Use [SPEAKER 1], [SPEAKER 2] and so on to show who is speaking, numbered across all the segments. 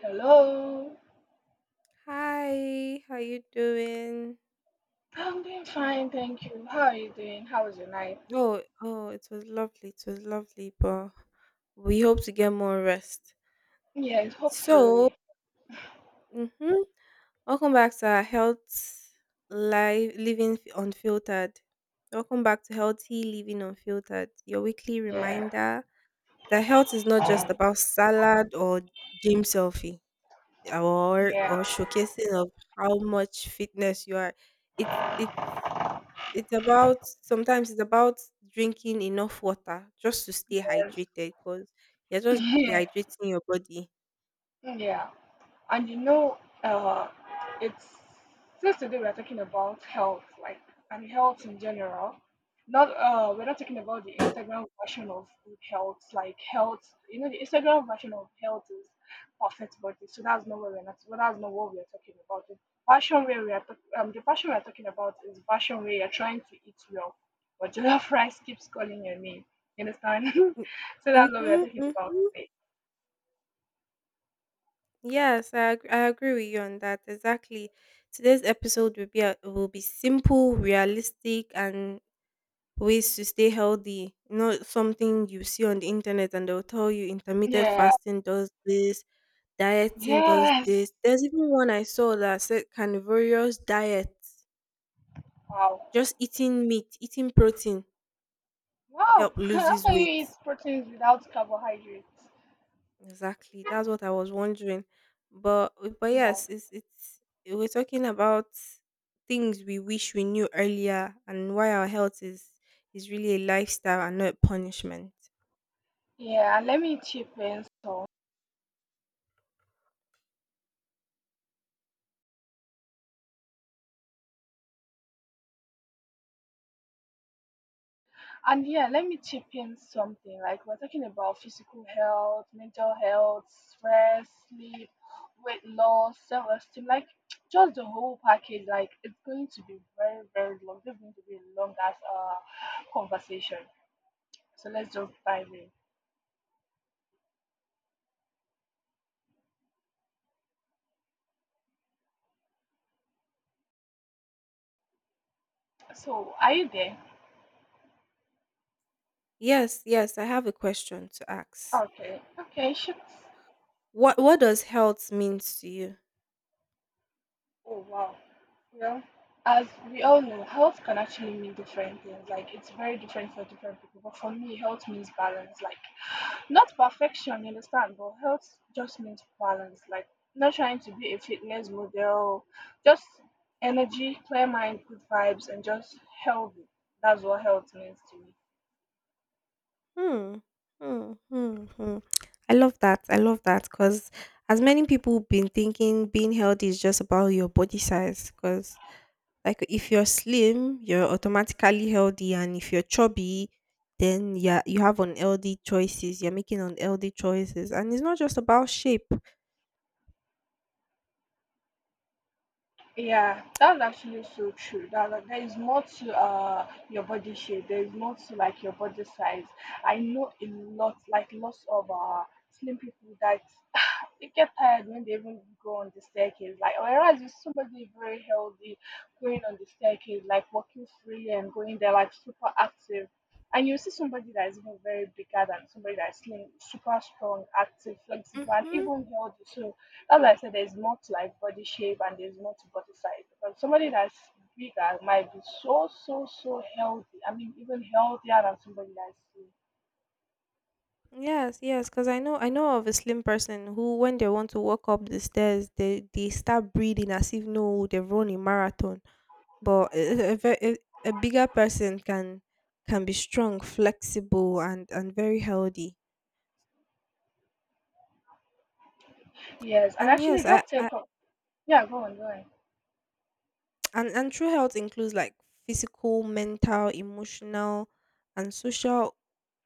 [SPEAKER 1] Hello.
[SPEAKER 2] Hi, how you doing?
[SPEAKER 1] I'm doing fine, thank you. How are you doing? How was your night?
[SPEAKER 2] Oh, oh, it was lovely. It was lovely, but we hope to get more rest.
[SPEAKER 1] Yes,
[SPEAKER 2] So,
[SPEAKER 1] hopefully.
[SPEAKER 2] mm-hmm. welcome back to our health live living F- unfiltered. Welcome back to healthy living unfiltered. Your weekly
[SPEAKER 1] Yeah,
[SPEAKER 2] reminder that health is not just about salad or gym selfie or
[SPEAKER 1] yeah,
[SPEAKER 2] or showcasing of how much fitness you are. It's it It's about sometimes it's about drinking enough water just to stay
[SPEAKER 1] yes,
[SPEAKER 2] hydrated because you're just
[SPEAKER 1] yeah,
[SPEAKER 2] dehydrating your body.
[SPEAKER 1] yeah. And you know, uh, it's Since today we are talking about health, like and health in general. Not We're not talking about the Instagram version of good health, like health. You know, the Instagram version of health is perfect body, so that's not what we're not. Well, that's not what we're talking about. The passion where we are, the passion we are talking about is passion where you're trying to eat well, but jollof rice keeps calling your name. You understand?
[SPEAKER 2] Mm-
[SPEAKER 1] So that's what we're
[SPEAKER 2] Mhm,
[SPEAKER 1] talking about
[SPEAKER 2] mhm.
[SPEAKER 1] today.
[SPEAKER 2] Yes, I agree with you on that. Exactly. Today's episode will be simple, realistic, and ways to stay healthy. Not something you see on the internet, and they'll tell you intermittent
[SPEAKER 1] Yeah.
[SPEAKER 2] fasting does this, dieting does
[SPEAKER 1] Yes.
[SPEAKER 2] this. There's even one I saw that said carnivorous diet
[SPEAKER 1] Wow.
[SPEAKER 2] just eating meat, eating protein
[SPEAKER 1] Wow,
[SPEAKER 2] help
[SPEAKER 1] how
[SPEAKER 2] loses
[SPEAKER 1] can you eat
[SPEAKER 2] weight.
[SPEAKER 1] proteins without carbohydrates?
[SPEAKER 2] Exactly. That's what I was wondering. But but
[SPEAKER 1] Wow.
[SPEAKER 2] yes, it's we're talking about things we wish we knew earlier and why our health is really a lifestyle and not a punishment.
[SPEAKER 1] Yeah, and let me chip in some. And yeah, let me chip in something. Like we're talking about physical health, mental health, stress, sleep, weight loss, self-esteem, like just the whole package. Like it's going to be very, very long. It's going to be a long as conversation. So let's just dive in. So are you there?
[SPEAKER 2] Yes, yes, I have a question to ask.
[SPEAKER 1] Okay, okay, ships.
[SPEAKER 2] What does health means to you?
[SPEAKER 1] Oh wow. Well, as we all know, health can actually mean different things. Like it's very different for different people. But for me, health means balance. Like not perfection, you understand, but health just means balance. Like not trying to be a fitness model, just energy, clear mind, good vibes, and just healthy. That's what health means to me.
[SPEAKER 2] Hmm. Hmm. Hmm. Hmm. I love that. I love that because as many people been thinking being healthy is just about your body size. Because like if you're slim, you're automatically healthy, and if you're chubby, then yeah, you have unhealthy choices. You're making unhealthy choices, and it's not just about shape.
[SPEAKER 1] Yeah, that's actually so true. There is more to your body shape. There is more to like your body size. I know a lot, like lots of slim people that they get tired when they even go on the staircase. Like whereas with somebody very healthy going on the staircase, like walking freely and going there like super active. And you see somebody that is even very bigger than somebody that is slim, super strong, active, flexible, and
[SPEAKER 2] Mm-hmm.
[SPEAKER 1] even healthy. So as I said, there's more to like body shape and there's more to body size. Because somebody that's bigger might be so, so, so healthy. I mean, even healthier than somebody that's slim.
[SPEAKER 2] Yes, yes, because I know of a slim person who, when they want to walk up the stairs, they start breathing as if no, they've run a marathon. But a, ve- a bigger person can be strong, flexible, and very healthy.
[SPEAKER 1] Yes, and
[SPEAKER 2] And
[SPEAKER 1] actually
[SPEAKER 2] yes,
[SPEAKER 1] that
[SPEAKER 2] I
[SPEAKER 1] take up. Yeah, go on, go on.
[SPEAKER 2] and true health includes like physical, mental, emotional, and social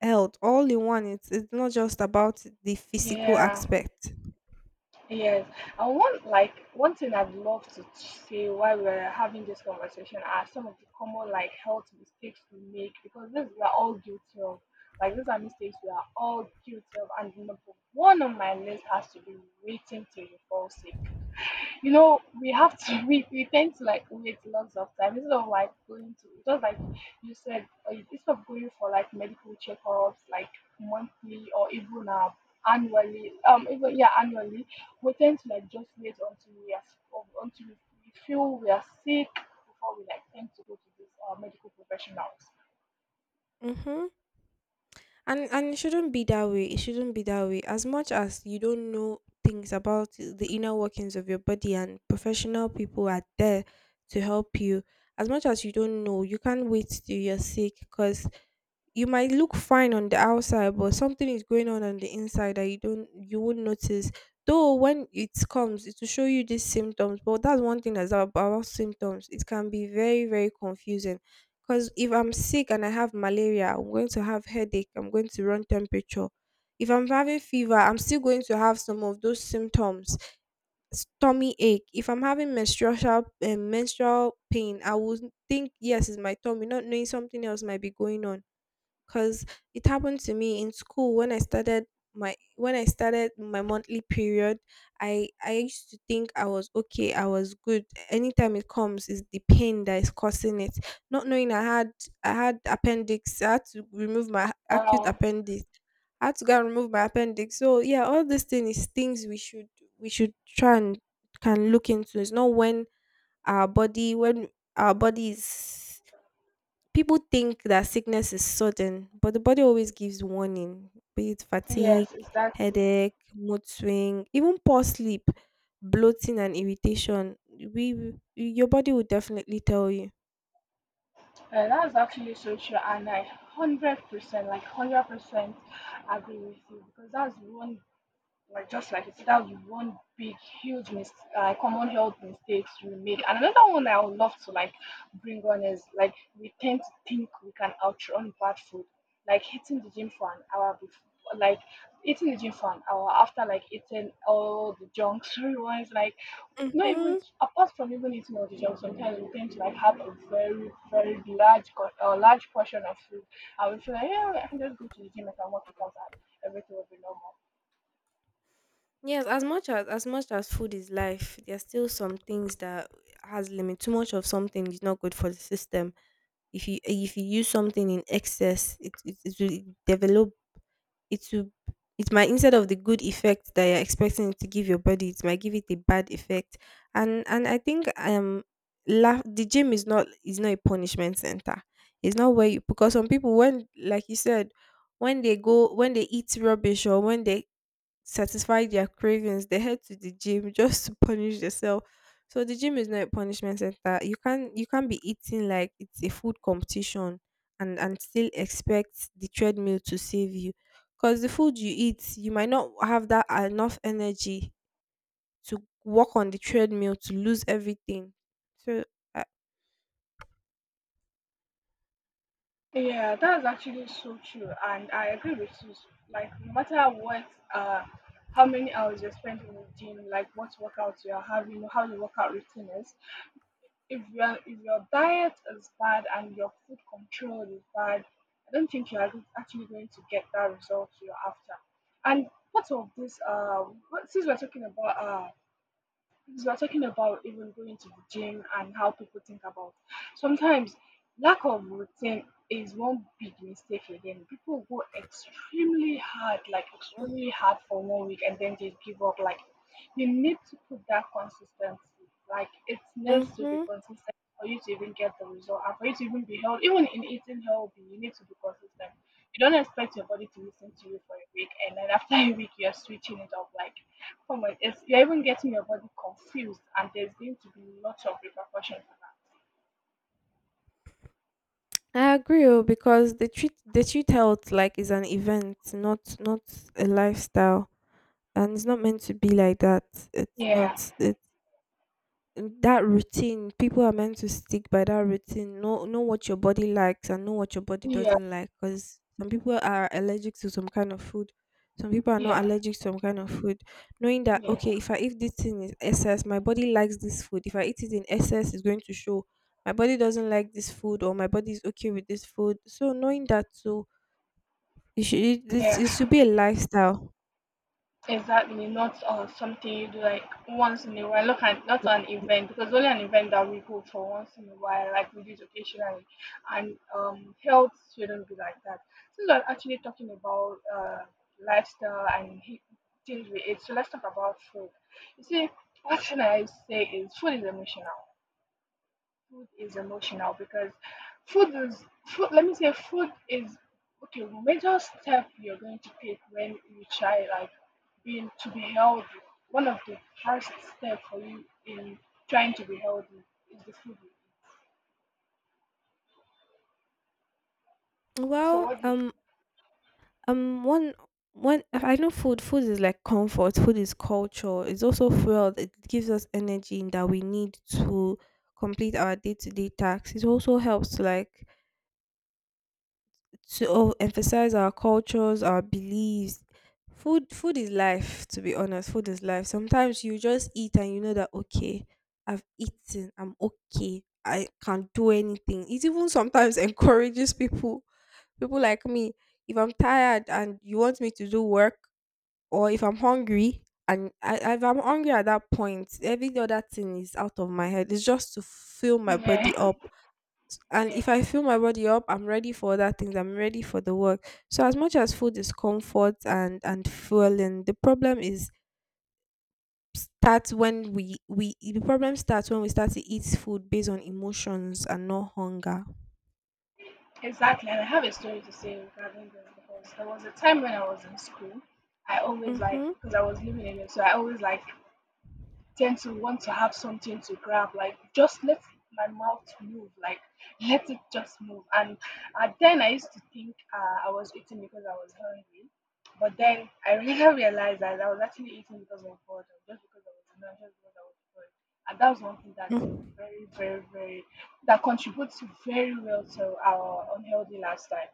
[SPEAKER 2] health all in one. It's not just about the physical
[SPEAKER 1] Yeah.
[SPEAKER 2] aspect.
[SPEAKER 1] Yes, and one like one thing I'd love to say while we're having this conversation are some of the common like health mistakes we make because these we are all guilty of. Like these are mistakes we are all guilty of, and number one on my list has to be waiting till you fall sick. You know, we have to we tend to like wait lots of time instead of like going to just like you said, instead of going for like medical checkups like monthly or even annually, even yeah annually, we tend to like just wait until we are until we feel we are sick before we like tend to go to these medical professionals.
[SPEAKER 2] Mm-hmm. And it shouldn't be that way it shouldn't be that way as much as you don't know things about the inner workings of your body, and professional people are there to help you. As much as you don't know, you can't wait till you're sick, because you might look fine on the outside but something is going on the inside that you won't notice. Though when it comes it will show you these symptoms, but that's one thing that's about symptoms, it can be very very confusing, because if I'm sick and I have malaria I'm going to have headache, I'm going to run temperature. If I'm having fever I'm still going to have some of those symptoms, tummy ache. If I'm having menstrual pain I would think yes, it's my tummy, not knowing something else might be going on, because it happened to me in school when I started my monthly period. I used to think I was okay, I was good. Anytime it comes, is the pain that is causing it. Not knowing I had, appendix, I had to remove my acute
[SPEAKER 1] Um,
[SPEAKER 2] appendix. I had to go and remove my appendix. So yeah, all these things is things we should, try and can look into. It's not when our body, is. People think that sickness is sudden, but the body always gives warning, be it fatigue,
[SPEAKER 1] yes, exactly.
[SPEAKER 2] headache, mood swing, even poor sleep, bloating, and irritation. Your body will definitely tell you.
[SPEAKER 1] That's actually so true, and I 100%, like 100%, agree with you because that's one like just like you said, that was one big, huge common health mistakes we made. And another one I would love to like bring on is like we tend to think we can outrun bad food, like hitting the gym for an hour before. Like eating the gym for an hour after like eating all the junk food ones like not
[SPEAKER 2] Mm-hmm.
[SPEAKER 1] even apart from even eating all the junk sometimes we tend to like have a very, very large large portion of food, and we feel like yeah I can just go to the gym, I can work it out and everything will be normal.
[SPEAKER 2] Yes, as much as food is life, there are still some things that has limit. Too much of something is not good for the system. If you use something in excess, it will develop it will it might, instead of the good effect that you're expecting it to give your body, it might give it a bad effect. And I think laugh, the gym is not, a punishment center. It's not where you, because some people, when, like you said, when they go, when they eat rubbish, or when they satisfy their cravings, they head to the gym just to punish themselves. So the gym is not a punishment center. You can't be eating like it's a food competition and still expect the treadmill to save you. Because the food you eat, you might not have that enough energy to walk on the treadmill to lose everything. So I,
[SPEAKER 1] Yeah, that's actually so true, and I agree with you. Like, no matter what, uh, how many hours you're spending in the gym, like what workouts you're having, how your workout routine is, if your diet is bad and your food control is bad, I don't think you're actually going to get that result you're after. And part of this, since we're talking about because we're talking about even going to the gym and how people think about sometimes, lack of routine is one big mistake. Again, people go extremely hard like extremely hard for 1 week and then they give up. Like you need to put that consistency, like it needs to be
[SPEAKER 2] mm-hmm.
[SPEAKER 1] consistent for you to even get the result, and for you to even be healthy. Even in eating healthy you need to be consistent. You don't expect your body to listen to you for a week and then after a week you're switching it up. Like, oh my, it's, you're even getting your body confused, and there's going to be lots of repercussion for that.
[SPEAKER 2] I agree, oh, because they treat health like it's an event, not a lifestyle. And it's not meant to be like that. It's
[SPEAKER 1] Yeah,
[SPEAKER 2] not It that routine. People are meant to stick by that routine. Know what your body likes and know what your body
[SPEAKER 1] yeah,
[SPEAKER 2] doesn't like. Because some people are allergic to some kind of food. Some people are not
[SPEAKER 1] yeah,
[SPEAKER 2] allergic to some kind of food. Knowing that
[SPEAKER 1] yes,
[SPEAKER 2] okay, if I eat this thing in excess, my body likes this food. If I eat it in excess, it's going to show my body doesn't like this food, or my body is okay with this food. So knowing that, so you should it,
[SPEAKER 1] yeah,
[SPEAKER 2] it should be a lifestyle.
[SPEAKER 1] exactly. Not Something you do like once in a while. Look at not an event, because only an event that we go for once in a while, like we do it occasionally, and health shouldn't be like that. Since we're actually talking about lifestyle and things we eat, so let's talk about food. You see, one thing I say is food is emotional. Food is emotional because food is food let me say food is okay, major step you're going to take when you try like being to be healthy, one of the first step for you in trying to be healthy is the food you eat. So
[SPEAKER 2] Well,
[SPEAKER 1] what do you
[SPEAKER 2] one, one. I know food. Food is like comfort. Food is culture. It's also fuel. It gives us energy that we need to complete our day to day tasks. It also helps to emphasize our cultures, our beliefs. Food is life, to be honest. Food is life. Sometimes you just eat and you know that okay, I've eaten, I'm okay. I can not do anything. It even sometimes encourages people, people like me. If I'm tired and you want me to do work, or if I'm hungry at that point, every other thing is out of my head. It's just to fill my
[SPEAKER 1] think? Yeah,
[SPEAKER 2] body up, and
[SPEAKER 1] yeah,
[SPEAKER 2] if I fill my body up I'm ready for other things, I'm ready for the work. So as much as food is comfort and fueling, the problem is, starts when we the problem starts when we start to eat food based on emotions and not hunger.
[SPEAKER 1] exactly. And I have a story to say regarding this because there was a time when I was in school. I always like
[SPEAKER 2] Mm-hmm.
[SPEAKER 1] because I was living in it, so I always like tend to want to have something to grab, like just let my mouth move, like let it just move. And at then I used to think I was eating because I was hungry, but then I later realized that I was actually eating because of boredom, just because I was hungry, just because I was bored. And that was one thing that's
[SPEAKER 2] Mm-hmm.
[SPEAKER 1] very, very, very that contributes very well to our unhealthy lifestyle.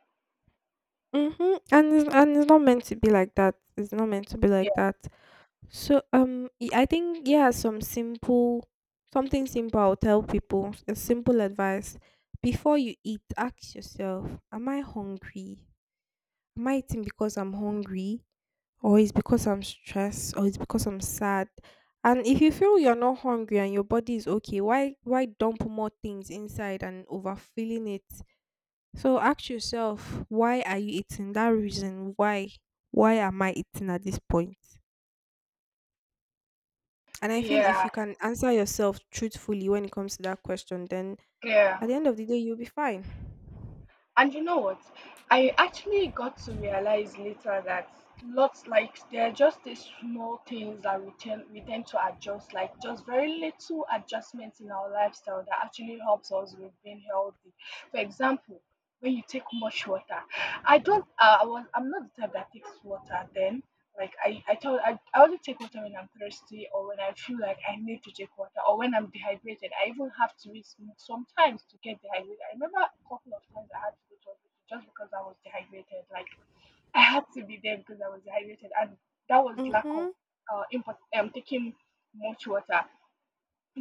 [SPEAKER 2] Mm-hmm. And it's not meant to be like that. It's not meant to be
[SPEAKER 1] Yeah,
[SPEAKER 2] like that. So I think, yeah, something simple I'll tell people, a simple advice. Before you eat, ask yourself, am I hungry? Am I eating because I'm hungry? Or it's because I'm stressed, or it's because I'm sad? And if you feel you're not hungry and your body is okay, why dump more things inside and overfilling it? So ask yourself, why are you eating? That reason, why am I eating at this point? And I feel if
[SPEAKER 1] yeah,
[SPEAKER 2] you can answer yourself truthfully when it comes to that question, then
[SPEAKER 1] yeah.
[SPEAKER 2] at the end of the day, you'll be fine.
[SPEAKER 1] And you know what? I actually got to realize later that lots like there are just these small things that we tend to adjust, like just very little adjustments in our lifestyle that actually helps us with being healthy. For example, when you take much water, I don't, I was, I'm not the type that takes water then, like I only take water when I'm thirsty or when I feel like I need to take water or when I'm dehydrated. I even have to wait sometimes to get dehydrated. I remember a couple of times I had to go to hospital just because I was dehydrated. Like I had to be there because I was dehydrated, and that was lack of
[SPEAKER 2] Mm-hmm.
[SPEAKER 1] taking much water.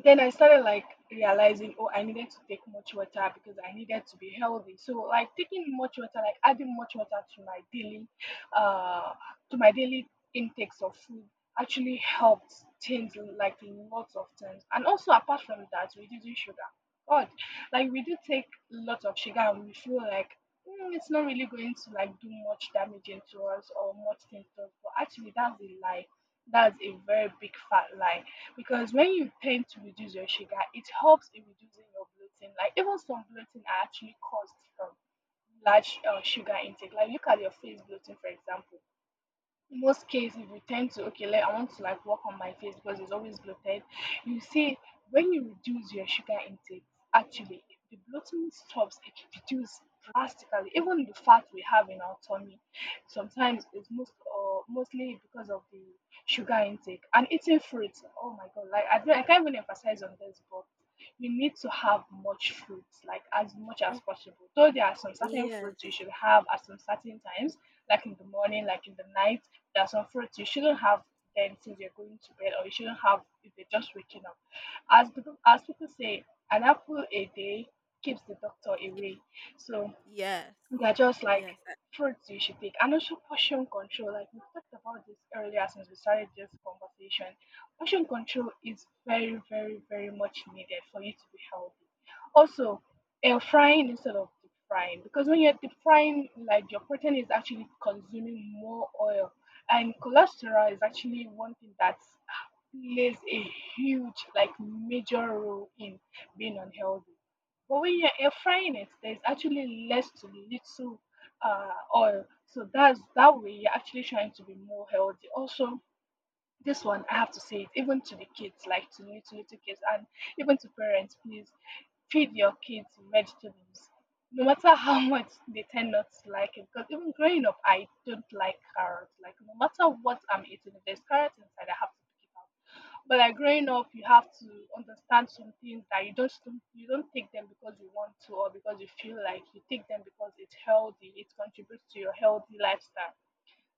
[SPEAKER 1] Then I started like realizing, oh, I needed to take much water because I needed to be healthy. So like taking much water, like adding much water to my uh, daily intakes of food actually helped things like lots of times. And also apart from that, reducing sugar. God, like we do take lots of sugar and we feel like, "Mm, it's not really going to like do much damaging to us or much things to us." But actually, that's a lie. That's a very big fat lie, because when you tend to reduce your sugar, it helps in reducing your bloating. Like even some bloating are actually caused from large sugar intake. Like look at your face bloating, for example. In most cases, if you tend to, okay, like I want to like work on my face because it's always bloated, you see, when you reduce your sugar intake, actually the bloating stops, it reduces drastically. Even the fat we have in our tummy sometimes it's most or mostly because of the sugar intake. And eating fruits, oh my god, like I can't even emphasize on this, but you need to have much fruits, like as much as
[SPEAKER 2] Mm,
[SPEAKER 1] possible. Though there are some certain fruits
[SPEAKER 2] yes.
[SPEAKER 1] you should have at some certain times, like in the morning, like in the night. There are some fruits you shouldn't have then since you're going to bed, or you shouldn't have if you're just waking up. As people say, an apple a day keeps the doctor
[SPEAKER 2] Keeps
[SPEAKER 1] away.
[SPEAKER 2] it-
[SPEAKER 1] So
[SPEAKER 2] Yes.
[SPEAKER 1] they're just like
[SPEAKER 2] Yes.
[SPEAKER 1] fruits you should take. And also portion control. Like we talked about this earlier since we started this conversation. Portion control is very, very, very much needed for you to be healthy. Also, air frying instead of deep frying. Because when you're deep frying, like, your protein is actually consuming more oil. And cholesterol is actually one thing that plays a huge, like major role in being unhealthy. But when you're air frying it, there's actually less to little oil. So that's that way you're actually trying to be more healthy. Also, this one I have to say it even to the kids, like to little kids and even to parents, please feed your kids vegetables. No matter how much they tend not to like it, because even growing up, I don't like carrots. Like no matter what I'm eating, if there's carrots inside, I have to pick it out. But like growing up, you have to understand some things that you just don't take them because you want to or because you feel like. You take them because it's healthy. It contributes to your healthy lifestyle.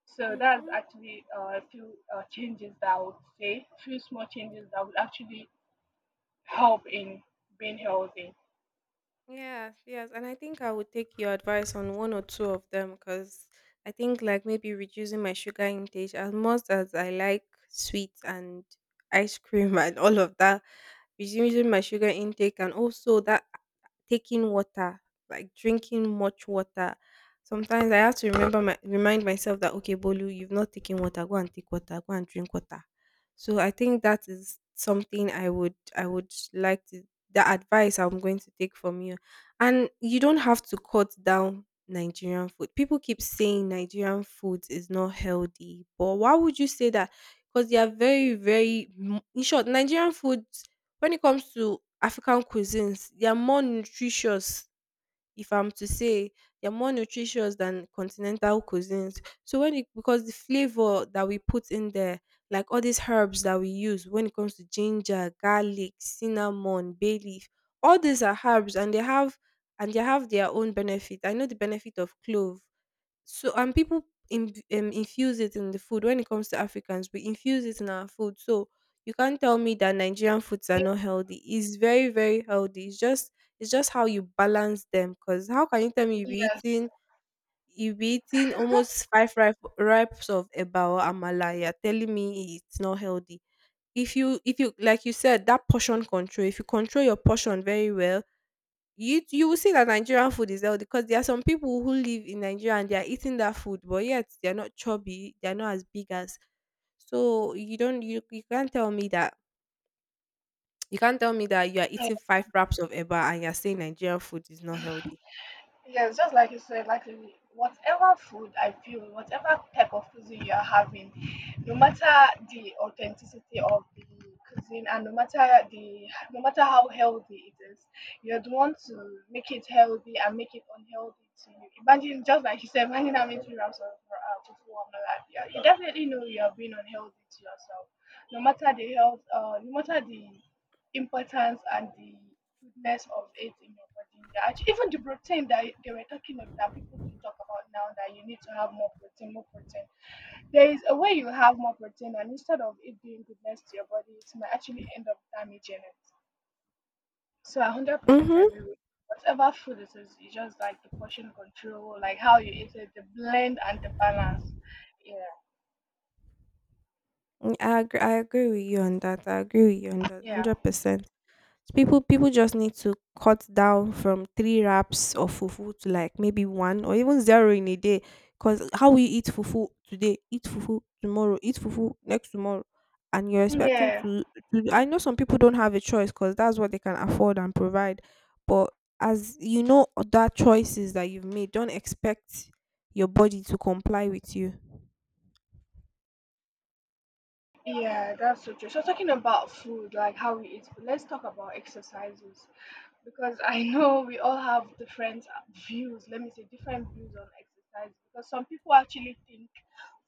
[SPEAKER 1] So that's
[SPEAKER 2] Mm-hmm.
[SPEAKER 1] actually a few changes that I would say, few small changes that would actually help in being healthy.
[SPEAKER 2] Yes, yes. And I think I would take your advice on one or two of them, because I think, like, maybe reducing my sugar intake, as much as I like sweets and ice cream and all of that. Reducing my sugar intake, and also that taking water, like drinking much water. Sometimes I have to remember my, remind myself that okay, Bolu, you've not taken water. Go and take water. Go and drink water. So I think that is something I would like to. The advice I'm going to take from you. And you don't have to cut down Nigerian food. People keep saying Nigerian food is not healthy, but why would you say that? Because they are very, very. In short, Nigerian food, when it comes to African cuisines, they are more nutritious, if I'm to say, they are more nutritious than continental cuisines. So when it, because the flavor that we put in there, like all these herbs that we use, when it comes to ginger, garlic, cinnamon, bay leaf, all these are herbs, and they have, their own benefit. I know the benefit of clove. So, and people in, infuse it in the food. When it comes to Africans, we infuse it in our food. So you can't tell me that Nigerian foods are not healthy. It's very very healthy. It's just, how you balance them. Cause how can you tell me you be
[SPEAKER 1] Yes.
[SPEAKER 2] eating you be eating almost five ripes of ebao amala? You're telling me it's not healthy. If you, like you said, that portion control, if you control your portion very well, you will see that Nigerian food is healthy, because there are some people who live in Nigeria and they are eating that food, but yet they're not chubby, they're not as big as. So you don't you, you can't tell me that you are eating five wraps of eba and you're saying Nigerian food is not healthy.
[SPEAKER 1] Yes, just like you said, like whatever food I feel, whatever type of cuisine you are having, no matter the authenticity of the cuisine, and no matter how healthy it is, you'd want to make it healthy and make it unhealthy to you. Imagine, just like you said, imagine having two wraps of tofu on the lap. Yeah, you definitely know you are being unhealthy to yourself. No matter the no matter the importance and the goodness of it in your body. Yeah, actually, even the protein that they were talking of, that people do talk about now, that you need to have more protein, more protein. There is a way you have more protein, and instead of it doing goodness to your body, it might actually end up damaging it. So I 100% agree
[SPEAKER 2] Mm-hmm.
[SPEAKER 1] with you, whatever food it is. It's just like the portion control, like how you eat it, the blend and the balance. Yeah,
[SPEAKER 2] I agree with you on that. I agree with you on that
[SPEAKER 1] yeah,
[SPEAKER 2] 100%. People just need to cut down from three wraps of fufu to like maybe one or even zero in a day. Cause how we eat fufu today, eat fufu tomorrow, eat fufu next tomorrow, and you're expecting
[SPEAKER 1] yeah,
[SPEAKER 2] to. I know some people don't have a choice because that's what they can afford and provide. But as you know, other choices that you've made, don't expect your body to comply with you.
[SPEAKER 1] yeah. That's so true. So talking about food, like how we eat, let's talk about exercises. Because I know we all have different views, let me say different views on exercise, because some people actually think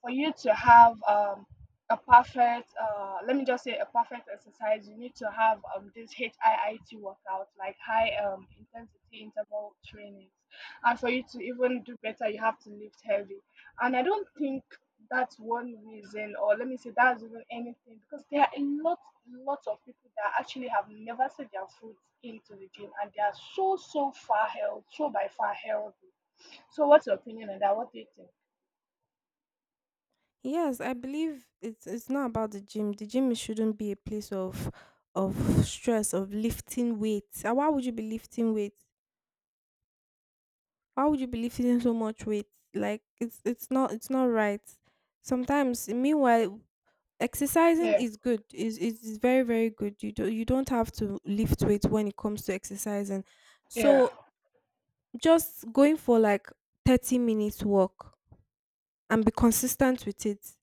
[SPEAKER 1] for you to have a perfect let me just say a perfect exercise, you need to have this HIIT workout, like high intensity interval trainings, and for you to even do better you have to lift heavy. And I don't think that's one reason, or let me say that's even anything, because there are lots of people that actually have never set their foot into the gym and they are so, so far health, so by far healthy. So, what's your opinion on that? What do you think?
[SPEAKER 2] Yes, I believe it's not about the gym. The gym shouldn't be a place of stress, of lifting weights. Why would you be lifting weights? Why would you be lifting so much weight? Like it's not right. Sometimes, meanwhile, exercising
[SPEAKER 1] Yeah,
[SPEAKER 2] is good, is very very good. You don't have to lift weight when it comes to exercising.
[SPEAKER 1] yeah,
[SPEAKER 2] So just going for like 30 minutes walk and be consistent with it,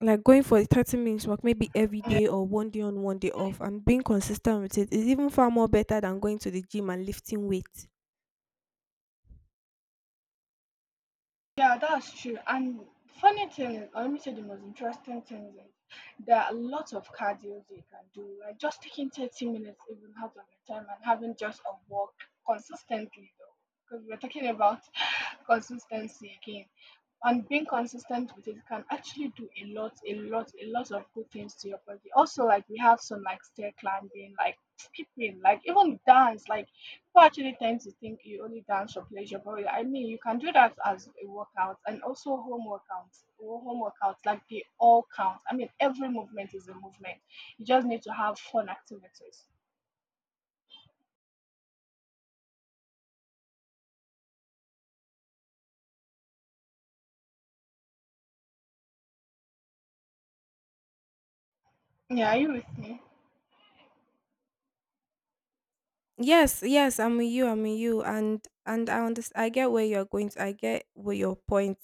[SPEAKER 2] like going for a 30 minutes walk maybe every
[SPEAKER 1] yeah.
[SPEAKER 2] day or one day on one day off, and being consistent with it is even far more better than going to the gym and lifting weights.
[SPEAKER 1] Yeah, that's true. And funny thing, or let me say the most interesting thing is, like, there are lots of cardio you can do. Like just taking 30 minutes even out of your time and having just a walk, consistently though. Because we're talking about consistency again. And being consistent with it can actually do a lot, a lot, a lot of good things to your body. Also, like, we have some like stair climbing, like people like even dance, like people actually tend to think you only dance for pleasure, but really, I mean, you can do that as a workout, and also home workouts, or home workouts, like, they all count. I mean, every movement is a movement. You just need to have fun activities. Yeah, are you with me?
[SPEAKER 2] Yes, yes, I'm with you, and I understand. I get where you're going to, I get where your point.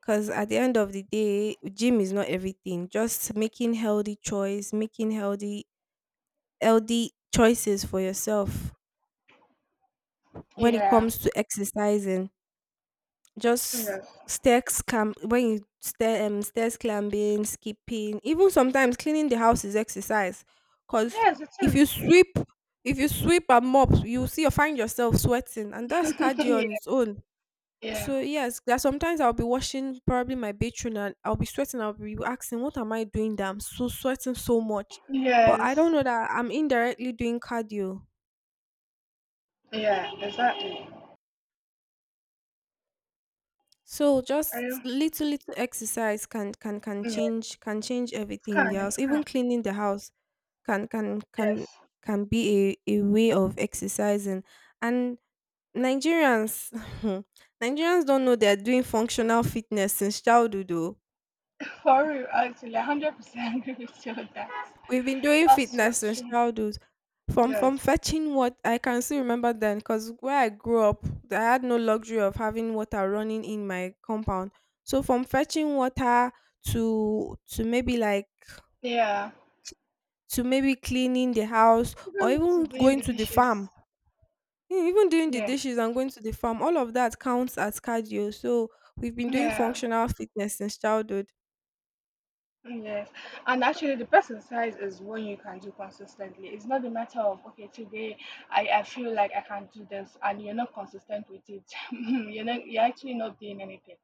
[SPEAKER 2] Because at the end of the day, gym is not everything. Just making healthy choice, making healthy choices for yourself when it
[SPEAKER 1] Yeah,
[SPEAKER 2] comes to exercising. Just
[SPEAKER 1] yes,
[SPEAKER 2] stairs climb when you stair stairs climbing, skipping, even sometimes cleaning the house is exercise. Cause
[SPEAKER 1] yes it
[SPEAKER 2] if
[SPEAKER 1] is.
[SPEAKER 2] you sweep, and mop, you see you find yourself sweating, and that's cardio on its own.
[SPEAKER 1] Yeah.
[SPEAKER 2] So yes, there are sometimes I'll be washing probably my bathroom and I'll be sweating. I'll be asking, "What am I doing? That I'm so sweating so much," but I don't
[SPEAKER 1] Yes.
[SPEAKER 2] know that I'm indirectly doing cardio.
[SPEAKER 1] Yeah, exactly.
[SPEAKER 2] So
[SPEAKER 1] Are
[SPEAKER 2] just
[SPEAKER 1] you,
[SPEAKER 2] little exercise can can can
[SPEAKER 1] yeah, it
[SPEAKER 2] change can change
[SPEAKER 1] can,
[SPEAKER 2] everything
[SPEAKER 1] it
[SPEAKER 2] else.
[SPEAKER 1] can.
[SPEAKER 2] Even cleaning the house can can can
[SPEAKER 1] Yes,
[SPEAKER 2] can be a way of exercising. And Nigerians Nigerians don't know they're doing functional fitness since childhood though.
[SPEAKER 1] for real, actually 100% agree with you on that.
[SPEAKER 2] We've been doing
[SPEAKER 1] That's so
[SPEAKER 2] fitness since
[SPEAKER 1] true.
[SPEAKER 2] childhood. From
[SPEAKER 1] Yes.
[SPEAKER 2] fetching, what I can still remember then, because where I grew up, I had no luxury of having water running in my compound. So from fetching water to to maybe like
[SPEAKER 1] Yeah.
[SPEAKER 2] to maybe cleaning the house or
[SPEAKER 1] Even
[SPEAKER 2] even
[SPEAKER 1] to doing
[SPEAKER 2] going
[SPEAKER 1] the
[SPEAKER 2] to the
[SPEAKER 1] dishes.
[SPEAKER 2] farm, even doing the
[SPEAKER 1] Yeah.
[SPEAKER 2] dishes and going to the farm, all of that counts as cardio. So we've been doing
[SPEAKER 1] Yeah.
[SPEAKER 2] functional fitness since childhood.
[SPEAKER 1] Yes. And actually, the person size is one you can do consistently. It's not a matter of okay, today I feel like I can do this and you're not consistent with it. You're not, you're actually not doing anything.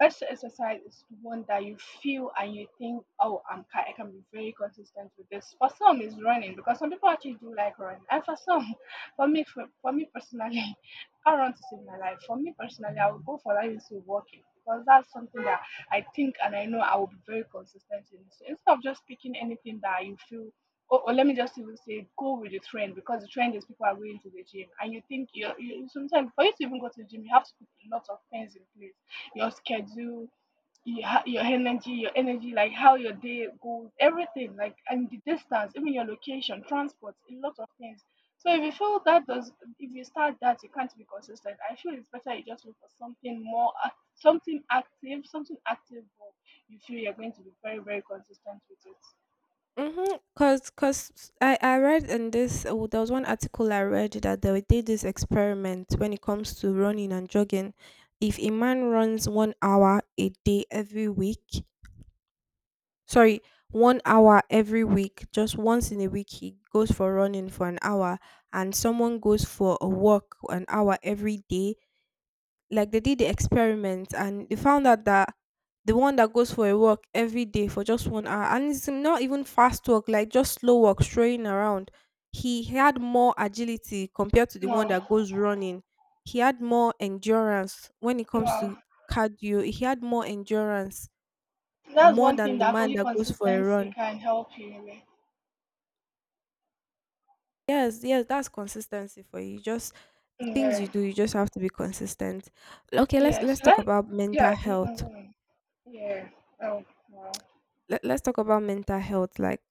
[SPEAKER 1] Best exercise is one that you feel and you think, oh, I can be very consistent with this. For some, it's running, because some people actually do like running. And for some, for me, for me personally, I run to save my life. For me personally, I would go for that instead of walking, because that's something that I think and I know I will be very consistent in. So instead of just picking anything that you feel, or let me just even say go with the trend, because the trend is people are going to the gym, and you think you're, you sometimes for you to even go to the gym you have to put lots of things in place. Your schedule, your, your energy, like how your day goes, everything, like, and the distance, even your location, transport, a lot of things. So if you feel that does, if you start that, you can't be consistent. I feel it's better you just look for something more, something active, but you feel you're going to be very, very consistent with it.
[SPEAKER 2] Mm-hmm. Cause I read in there was one article I read that they did this experiment when it comes to running and jogging. If a man runs one hour a day every week, sorry, one hour every week, just once in a week, he goes for running for an hour, and someone goes for a walk an hour every day. Like they did the experiment and they found out that the one that goes for a walk every day for just one hour, and it's not even fast walk, like just slow walk strolling around, he had more agility compared to the one
[SPEAKER 1] Wow,
[SPEAKER 2] that goes running. He had more endurance when it comes
[SPEAKER 1] wow.
[SPEAKER 2] to cardio. He had more endurance
[SPEAKER 1] That's
[SPEAKER 2] more
[SPEAKER 1] one
[SPEAKER 2] than
[SPEAKER 1] thing
[SPEAKER 2] the
[SPEAKER 1] that
[SPEAKER 2] man
[SPEAKER 1] only
[SPEAKER 2] that goes for a
[SPEAKER 1] consistency
[SPEAKER 2] run.
[SPEAKER 1] can help you with.
[SPEAKER 2] Yes, yes, that's consistency for you. Just the things you
[SPEAKER 1] Yeah.
[SPEAKER 2] do, you just have to be consistent. Okay, let's
[SPEAKER 1] Yeah.
[SPEAKER 2] let's
[SPEAKER 1] So
[SPEAKER 2] talk
[SPEAKER 1] let,
[SPEAKER 2] about mental
[SPEAKER 1] yeah, you can go
[SPEAKER 2] health.
[SPEAKER 1] on. Yeah. Oh, wow.
[SPEAKER 2] Let's talk about mental health, like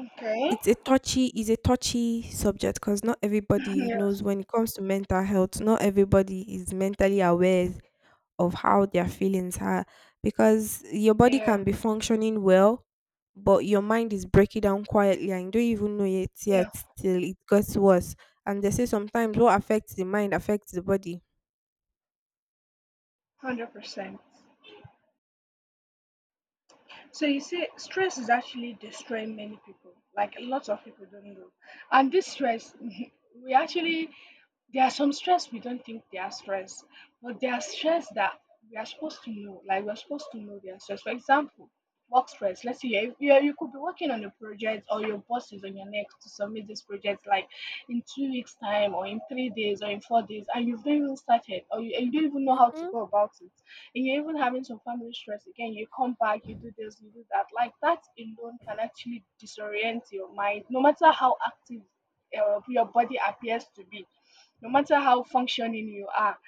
[SPEAKER 1] Okay.
[SPEAKER 2] it's a touchy subject, because not everybody
[SPEAKER 1] Yeah.
[SPEAKER 2] knows. When it comes to mental health, not everybody is mentally aware of how their feelings are, because your body
[SPEAKER 1] Yeah.
[SPEAKER 2] can be functioning well but your mind is breaking down quietly and you don't even know it yet
[SPEAKER 1] Yeah.
[SPEAKER 2] till it gets worse. And they say sometimes what affects the mind affects the body.
[SPEAKER 1] 100%. So you see, stress is actually destroying many people. Like a lot of people don't know, and this stress, we actually, there are some stress we don't think they are stress, but there are stress that we are supposed to know. Like, we are supposed to know they are stress. For example, work stress. Let's say you could be working on a project, or your boss is on your neck to submit this project, like in 2 weeks time, or in 3 days, or in 4 days, and you've not even started, or you, and you don't even know how to
[SPEAKER 2] Mhm.
[SPEAKER 1] go about it, and you're even having some family stress again. You come back, you do this, you do that. Like that alone can actually disorient your mind, no matter how active your body appears to be, no matter how functioning you are,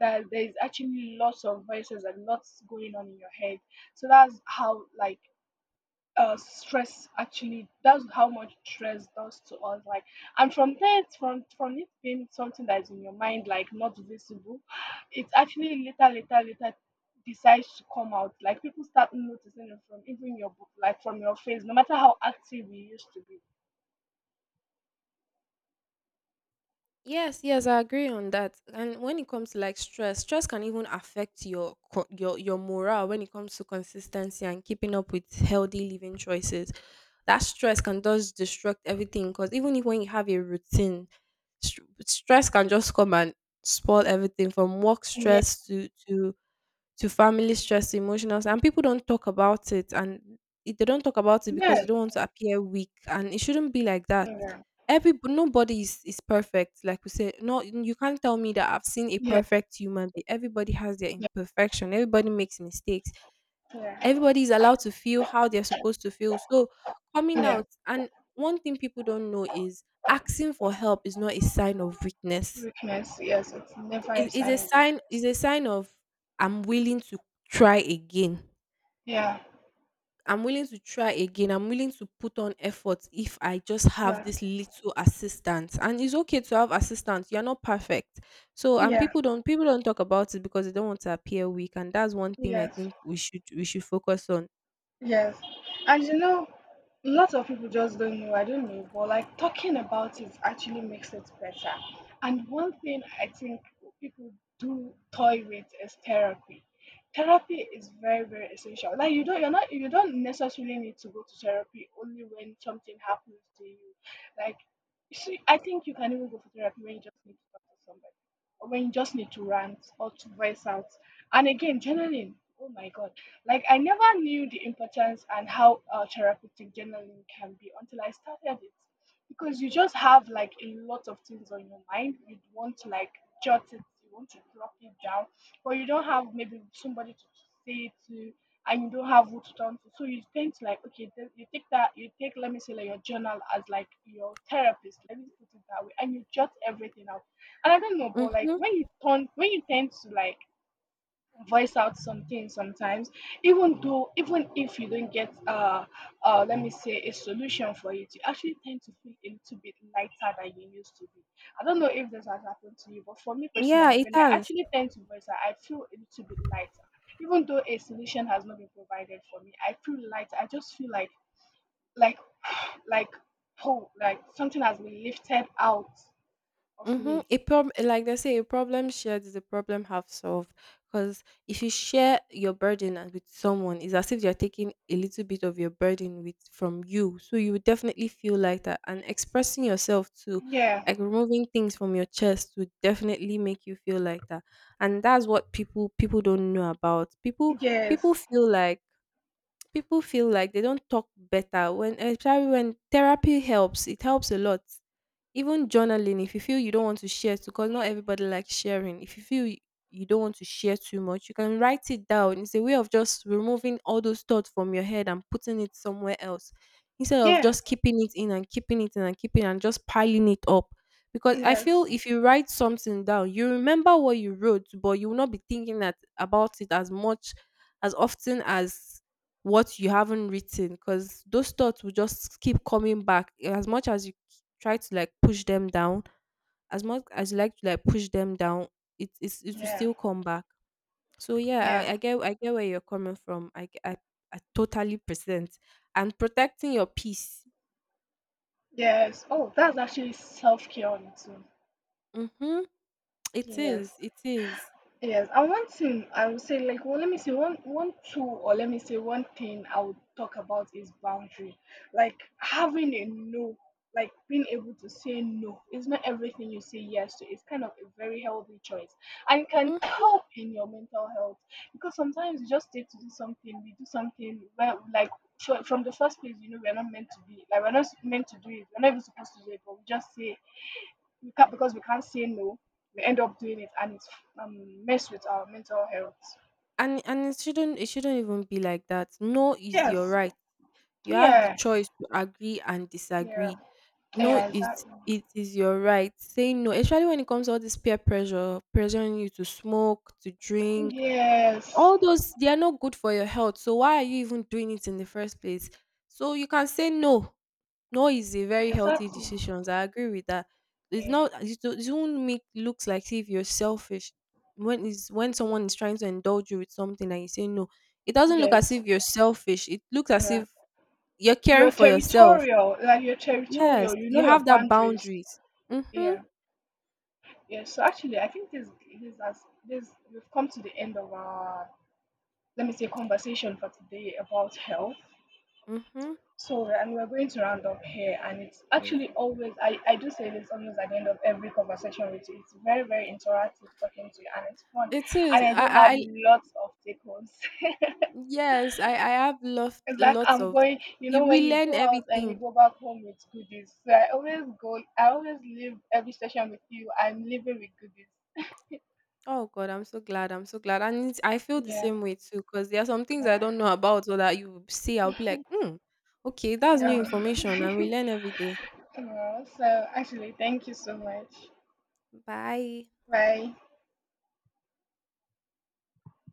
[SPEAKER 1] that there's actually lots of voices and lots going on in your head. So that's how like stress actually, that's how much stress does to us. Like, and from that, from it being something that's in your mind, like not visible, it actually later decides to come out. Like people start noticing it from even your book, like from your face, no matter how active we used to be.
[SPEAKER 2] Yes, yes, I agree on that. And when it comes to like stress, stress can even affect your co- your morale when it comes to consistency and keeping up with healthy living choices. That stress can just destruct everything, because even if when you have a routine, stress can just come and spoil everything, from work
[SPEAKER 1] Yeah.
[SPEAKER 2] stress to family stress, emotional and people don't talk about it, and they don't talk about it because they
[SPEAKER 1] Yes.
[SPEAKER 2] don't want to appear weak, and it shouldn't be like that.
[SPEAKER 1] Yeah.
[SPEAKER 2] Every Nobody is perfect. Like we say, no, you can't tell me that I've seen a
[SPEAKER 1] Yeah.
[SPEAKER 2] perfect human being. Everybody has their imperfection, everybody makes mistakes.
[SPEAKER 1] Yeah.
[SPEAKER 2] Everybody is allowed to feel how they're supposed to feel. So, coming
[SPEAKER 1] Yeah.
[SPEAKER 2] out, and one thing people don't know is asking for help is not a sign of weakness.
[SPEAKER 1] Weakness, yes, it's never a
[SPEAKER 2] It is
[SPEAKER 1] sign
[SPEAKER 2] a
[SPEAKER 1] of
[SPEAKER 2] sign is
[SPEAKER 1] weakness.
[SPEAKER 2] a sign of I'm willing to try again.
[SPEAKER 1] Yeah,
[SPEAKER 2] I'm willing to try again. I'm willing to put on effort if I just have
[SPEAKER 1] yeah,
[SPEAKER 2] this little assistance. And it's okay to have assistance. You're not perfect. So and
[SPEAKER 1] yeah,
[SPEAKER 2] people don't talk about it because they don't want to appear weak. And that's one thing I
[SPEAKER 1] yes.
[SPEAKER 2] think we should focus on.
[SPEAKER 1] Yes. And you know, lots of people just don't know. I don't know. But like talking about it actually makes it better. And one thing I think people do toy with is therapy. Therapy is very, very essential. Like, you're not, you don't necessarily need to go to therapy only when something happens to you. Like, see, I think you can even go for therapy when you just need to talk to somebody. Or when you just need to rant or to voice out. And again, journaling. Oh my god, like, I never knew the importance and how therapeutic journaling can be until I started it, because you just have like a lot of things on your mind. You want to like jot it, you want to drop it down, but you don't have maybe somebody to say it to, and you don't have who to turn to. So you tend to like, okay, then you take that, you take, let me say like your journal as like your therapist. Let me put it that way, and you jot everything out. And I don't know, but like
[SPEAKER 2] Mm-hmm.
[SPEAKER 1] when you turn, when you tend to like voice out something sometimes, even though, even if you don't get let me say a solution for it, you actually tend to feel a little bit lighter than you used to be. I don't know if this has happened to you, but for me
[SPEAKER 2] Yeah,
[SPEAKER 1] personally,
[SPEAKER 2] it
[SPEAKER 1] when I
[SPEAKER 2] has.
[SPEAKER 1] actually tend to voice out, I feel a little bit lighter. Even though a solution has not been provided for me, I feel lighter. I just feel like, like, oh, like something has been lifted out of
[SPEAKER 2] Mm-hmm.
[SPEAKER 1] me.
[SPEAKER 2] A problem, like they say, a problem shared is a problem half solved. Because if you share your burden with someone, it's as if they're taking a little bit of your burden with from you. So you would definitely feel like that, and expressing yourself too,
[SPEAKER 1] Yeah.
[SPEAKER 2] like removing things from your chest, would definitely make you feel like that. And that's what people don't know about. People
[SPEAKER 1] yes
[SPEAKER 2] feel like people feel like they don't talk better, when especially when therapy helps, it helps a lot. Even journaling, if you feel you don't want to share, because not everybody likes sharing. If you feel you don't want to share too much, you can write it down. It's a way of just removing all those thoughts from your head and putting it somewhere else, instead of
[SPEAKER 1] yeah
[SPEAKER 2] just keeping it in and keeping it in and just piling it up. Because I feel
[SPEAKER 1] yes
[SPEAKER 2] if you write something down, you remember what you wrote but you will not be thinking that about it as much, as often as what you haven't written, because those thoughts will just keep coming back as much as you try to like push them down, as much as you like to like push them down, it will
[SPEAKER 1] yeah
[SPEAKER 2] still come back. So yeah,
[SPEAKER 1] yeah.
[SPEAKER 2] I get where you're coming from. I totally present, and protecting your peace.
[SPEAKER 1] Yes. Oh, that's actually self-care on its own.
[SPEAKER 2] Mm-hmm. it
[SPEAKER 1] Yes.
[SPEAKER 2] is it is
[SPEAKER 1] Yes. And one thing I would say, like, well, let me say one, one tool, or let me say one thing I would talk about, is boundary. Like having a no, like being able to say no. It's not everything you say yes to. It's kind of a very healthy choice, and it can
[SPEAKER 2] Mm.
[SPEAKER 1] help in your mental health, because sometimes you just need to do something. We do something where, like, from the first place, you know, we're not meant to be. Like, we're not meant to do it. We're not even supposed to do it, but we just say we can't because we can't say no. We end up doing it, and it's mess with our mental health.
[SPEAKER 2] And it shouldn't even be like that. No is your
[SPEAKER 1] Yes.
[SPEAKER 2] right. You have the
[SPEAKER 1] Yeah.
[SPEAKER 2] choice to agree and
[SPEAKER 1] Yeah.
[SPEAKER 2] disagree. No,
[SPEAKER 1] Yeah.
[SPEAKER 2] it
[SPEAKER 1] Exactly.
[SPEAKER 2] it is your right. Saying no, especially when it comes to all this peer pressure, pressuring you to smoke, to drink,
[SPEAKER 1] Yes.
[SPEAKER 2] all those, they are not good for your health. So why are you even doing it in the first place? So you can say no. No is a very healthy
[SPEAKER 1] Exactly.
[SPEAKER 2] decision. I agree with that. It's
[SPEAKER 1] Yeah.
[SPEAKER 2] not it do- it won't make looks like if you're selfish, when someone is trying to indulge you with something and you say no. It doesn't look as
[SPEAKER 1] Yes.
[SPEAKER 2] if you're selfish. It looks as
[SPEAKER 1] Yeah.
[SPEAKER 2] if you're caring
[SPEAKER 1] You're
[SPEAKER 2] for yourself.
[SPEAKER 1] territorial. Like, you're
[SPEAKER 2] Yes,
[SPEAKER 1] territorial. You know
[SPEAKER 2] you
[SPEAKER 1] your
[SPEAKER 2] have that
[SPEAKER 1] boundaries.
[SPEAKER 2] boundaries. Mhm,
[SPEAKER 1] Yeah. Yeah. So actually, I think this, this has this we've come to the end of our, let me say, conversation for today about health.
[SPEAKER 2] mhm.
[SPEAKER 1] So, and we're going to round up here, and it's
[SPEAKER 2] Ye
[SPEAKER 1] actually always, I do say this almost at the end of every conversation with you. It's very, very interactive talking to you, and it's fun.
[SPEAKER 2] It
[SPEAKER 1] And
[SPEAKER 2] is.
[SPEAKER 1] I do have
[SPEAKER 2] I
[SPEAKER 1] lots of take homes. It's
[SPEAKER 2] Yes, I have lost
[SPEAKER 1] like
[SPEAKER 2] lots
[SPEAKER 1] I'm
[SPEAKER 2] of,
[SPEAKER 1] going, you
[SPEAKER 2] you
[SPEAKER 1] know, when
[SPEAKER 2] will
[SPEAKER 1] you
[SPEAKER 2] learn
[SPEAKER 1] go out and you
[SPEAKER 2] everything.
[SPEAKER 1] go back home with goodies. So I always go, I always leave every session with you. I'm leaving with goodies.
[SPEAKER 2] Oh God, I'm so glad, I feel the
[SPEAKER 1] Yeah,
[SPEAKER 2] same way too. Cause there are some things I
[SPEAKER 1] yeah,
[SPEAKER 2] don't know about, or that you see, I'll be like, "Hmm, okay, that's new
[SPEAKER 1] yeah.
[SPEAKER 2] information," and we learn every day.
[SPEAKER 1] Yeah. So, actually, thank you so much.
[SPEAKER 2] Bye.
[SPEAKER 1] Bye.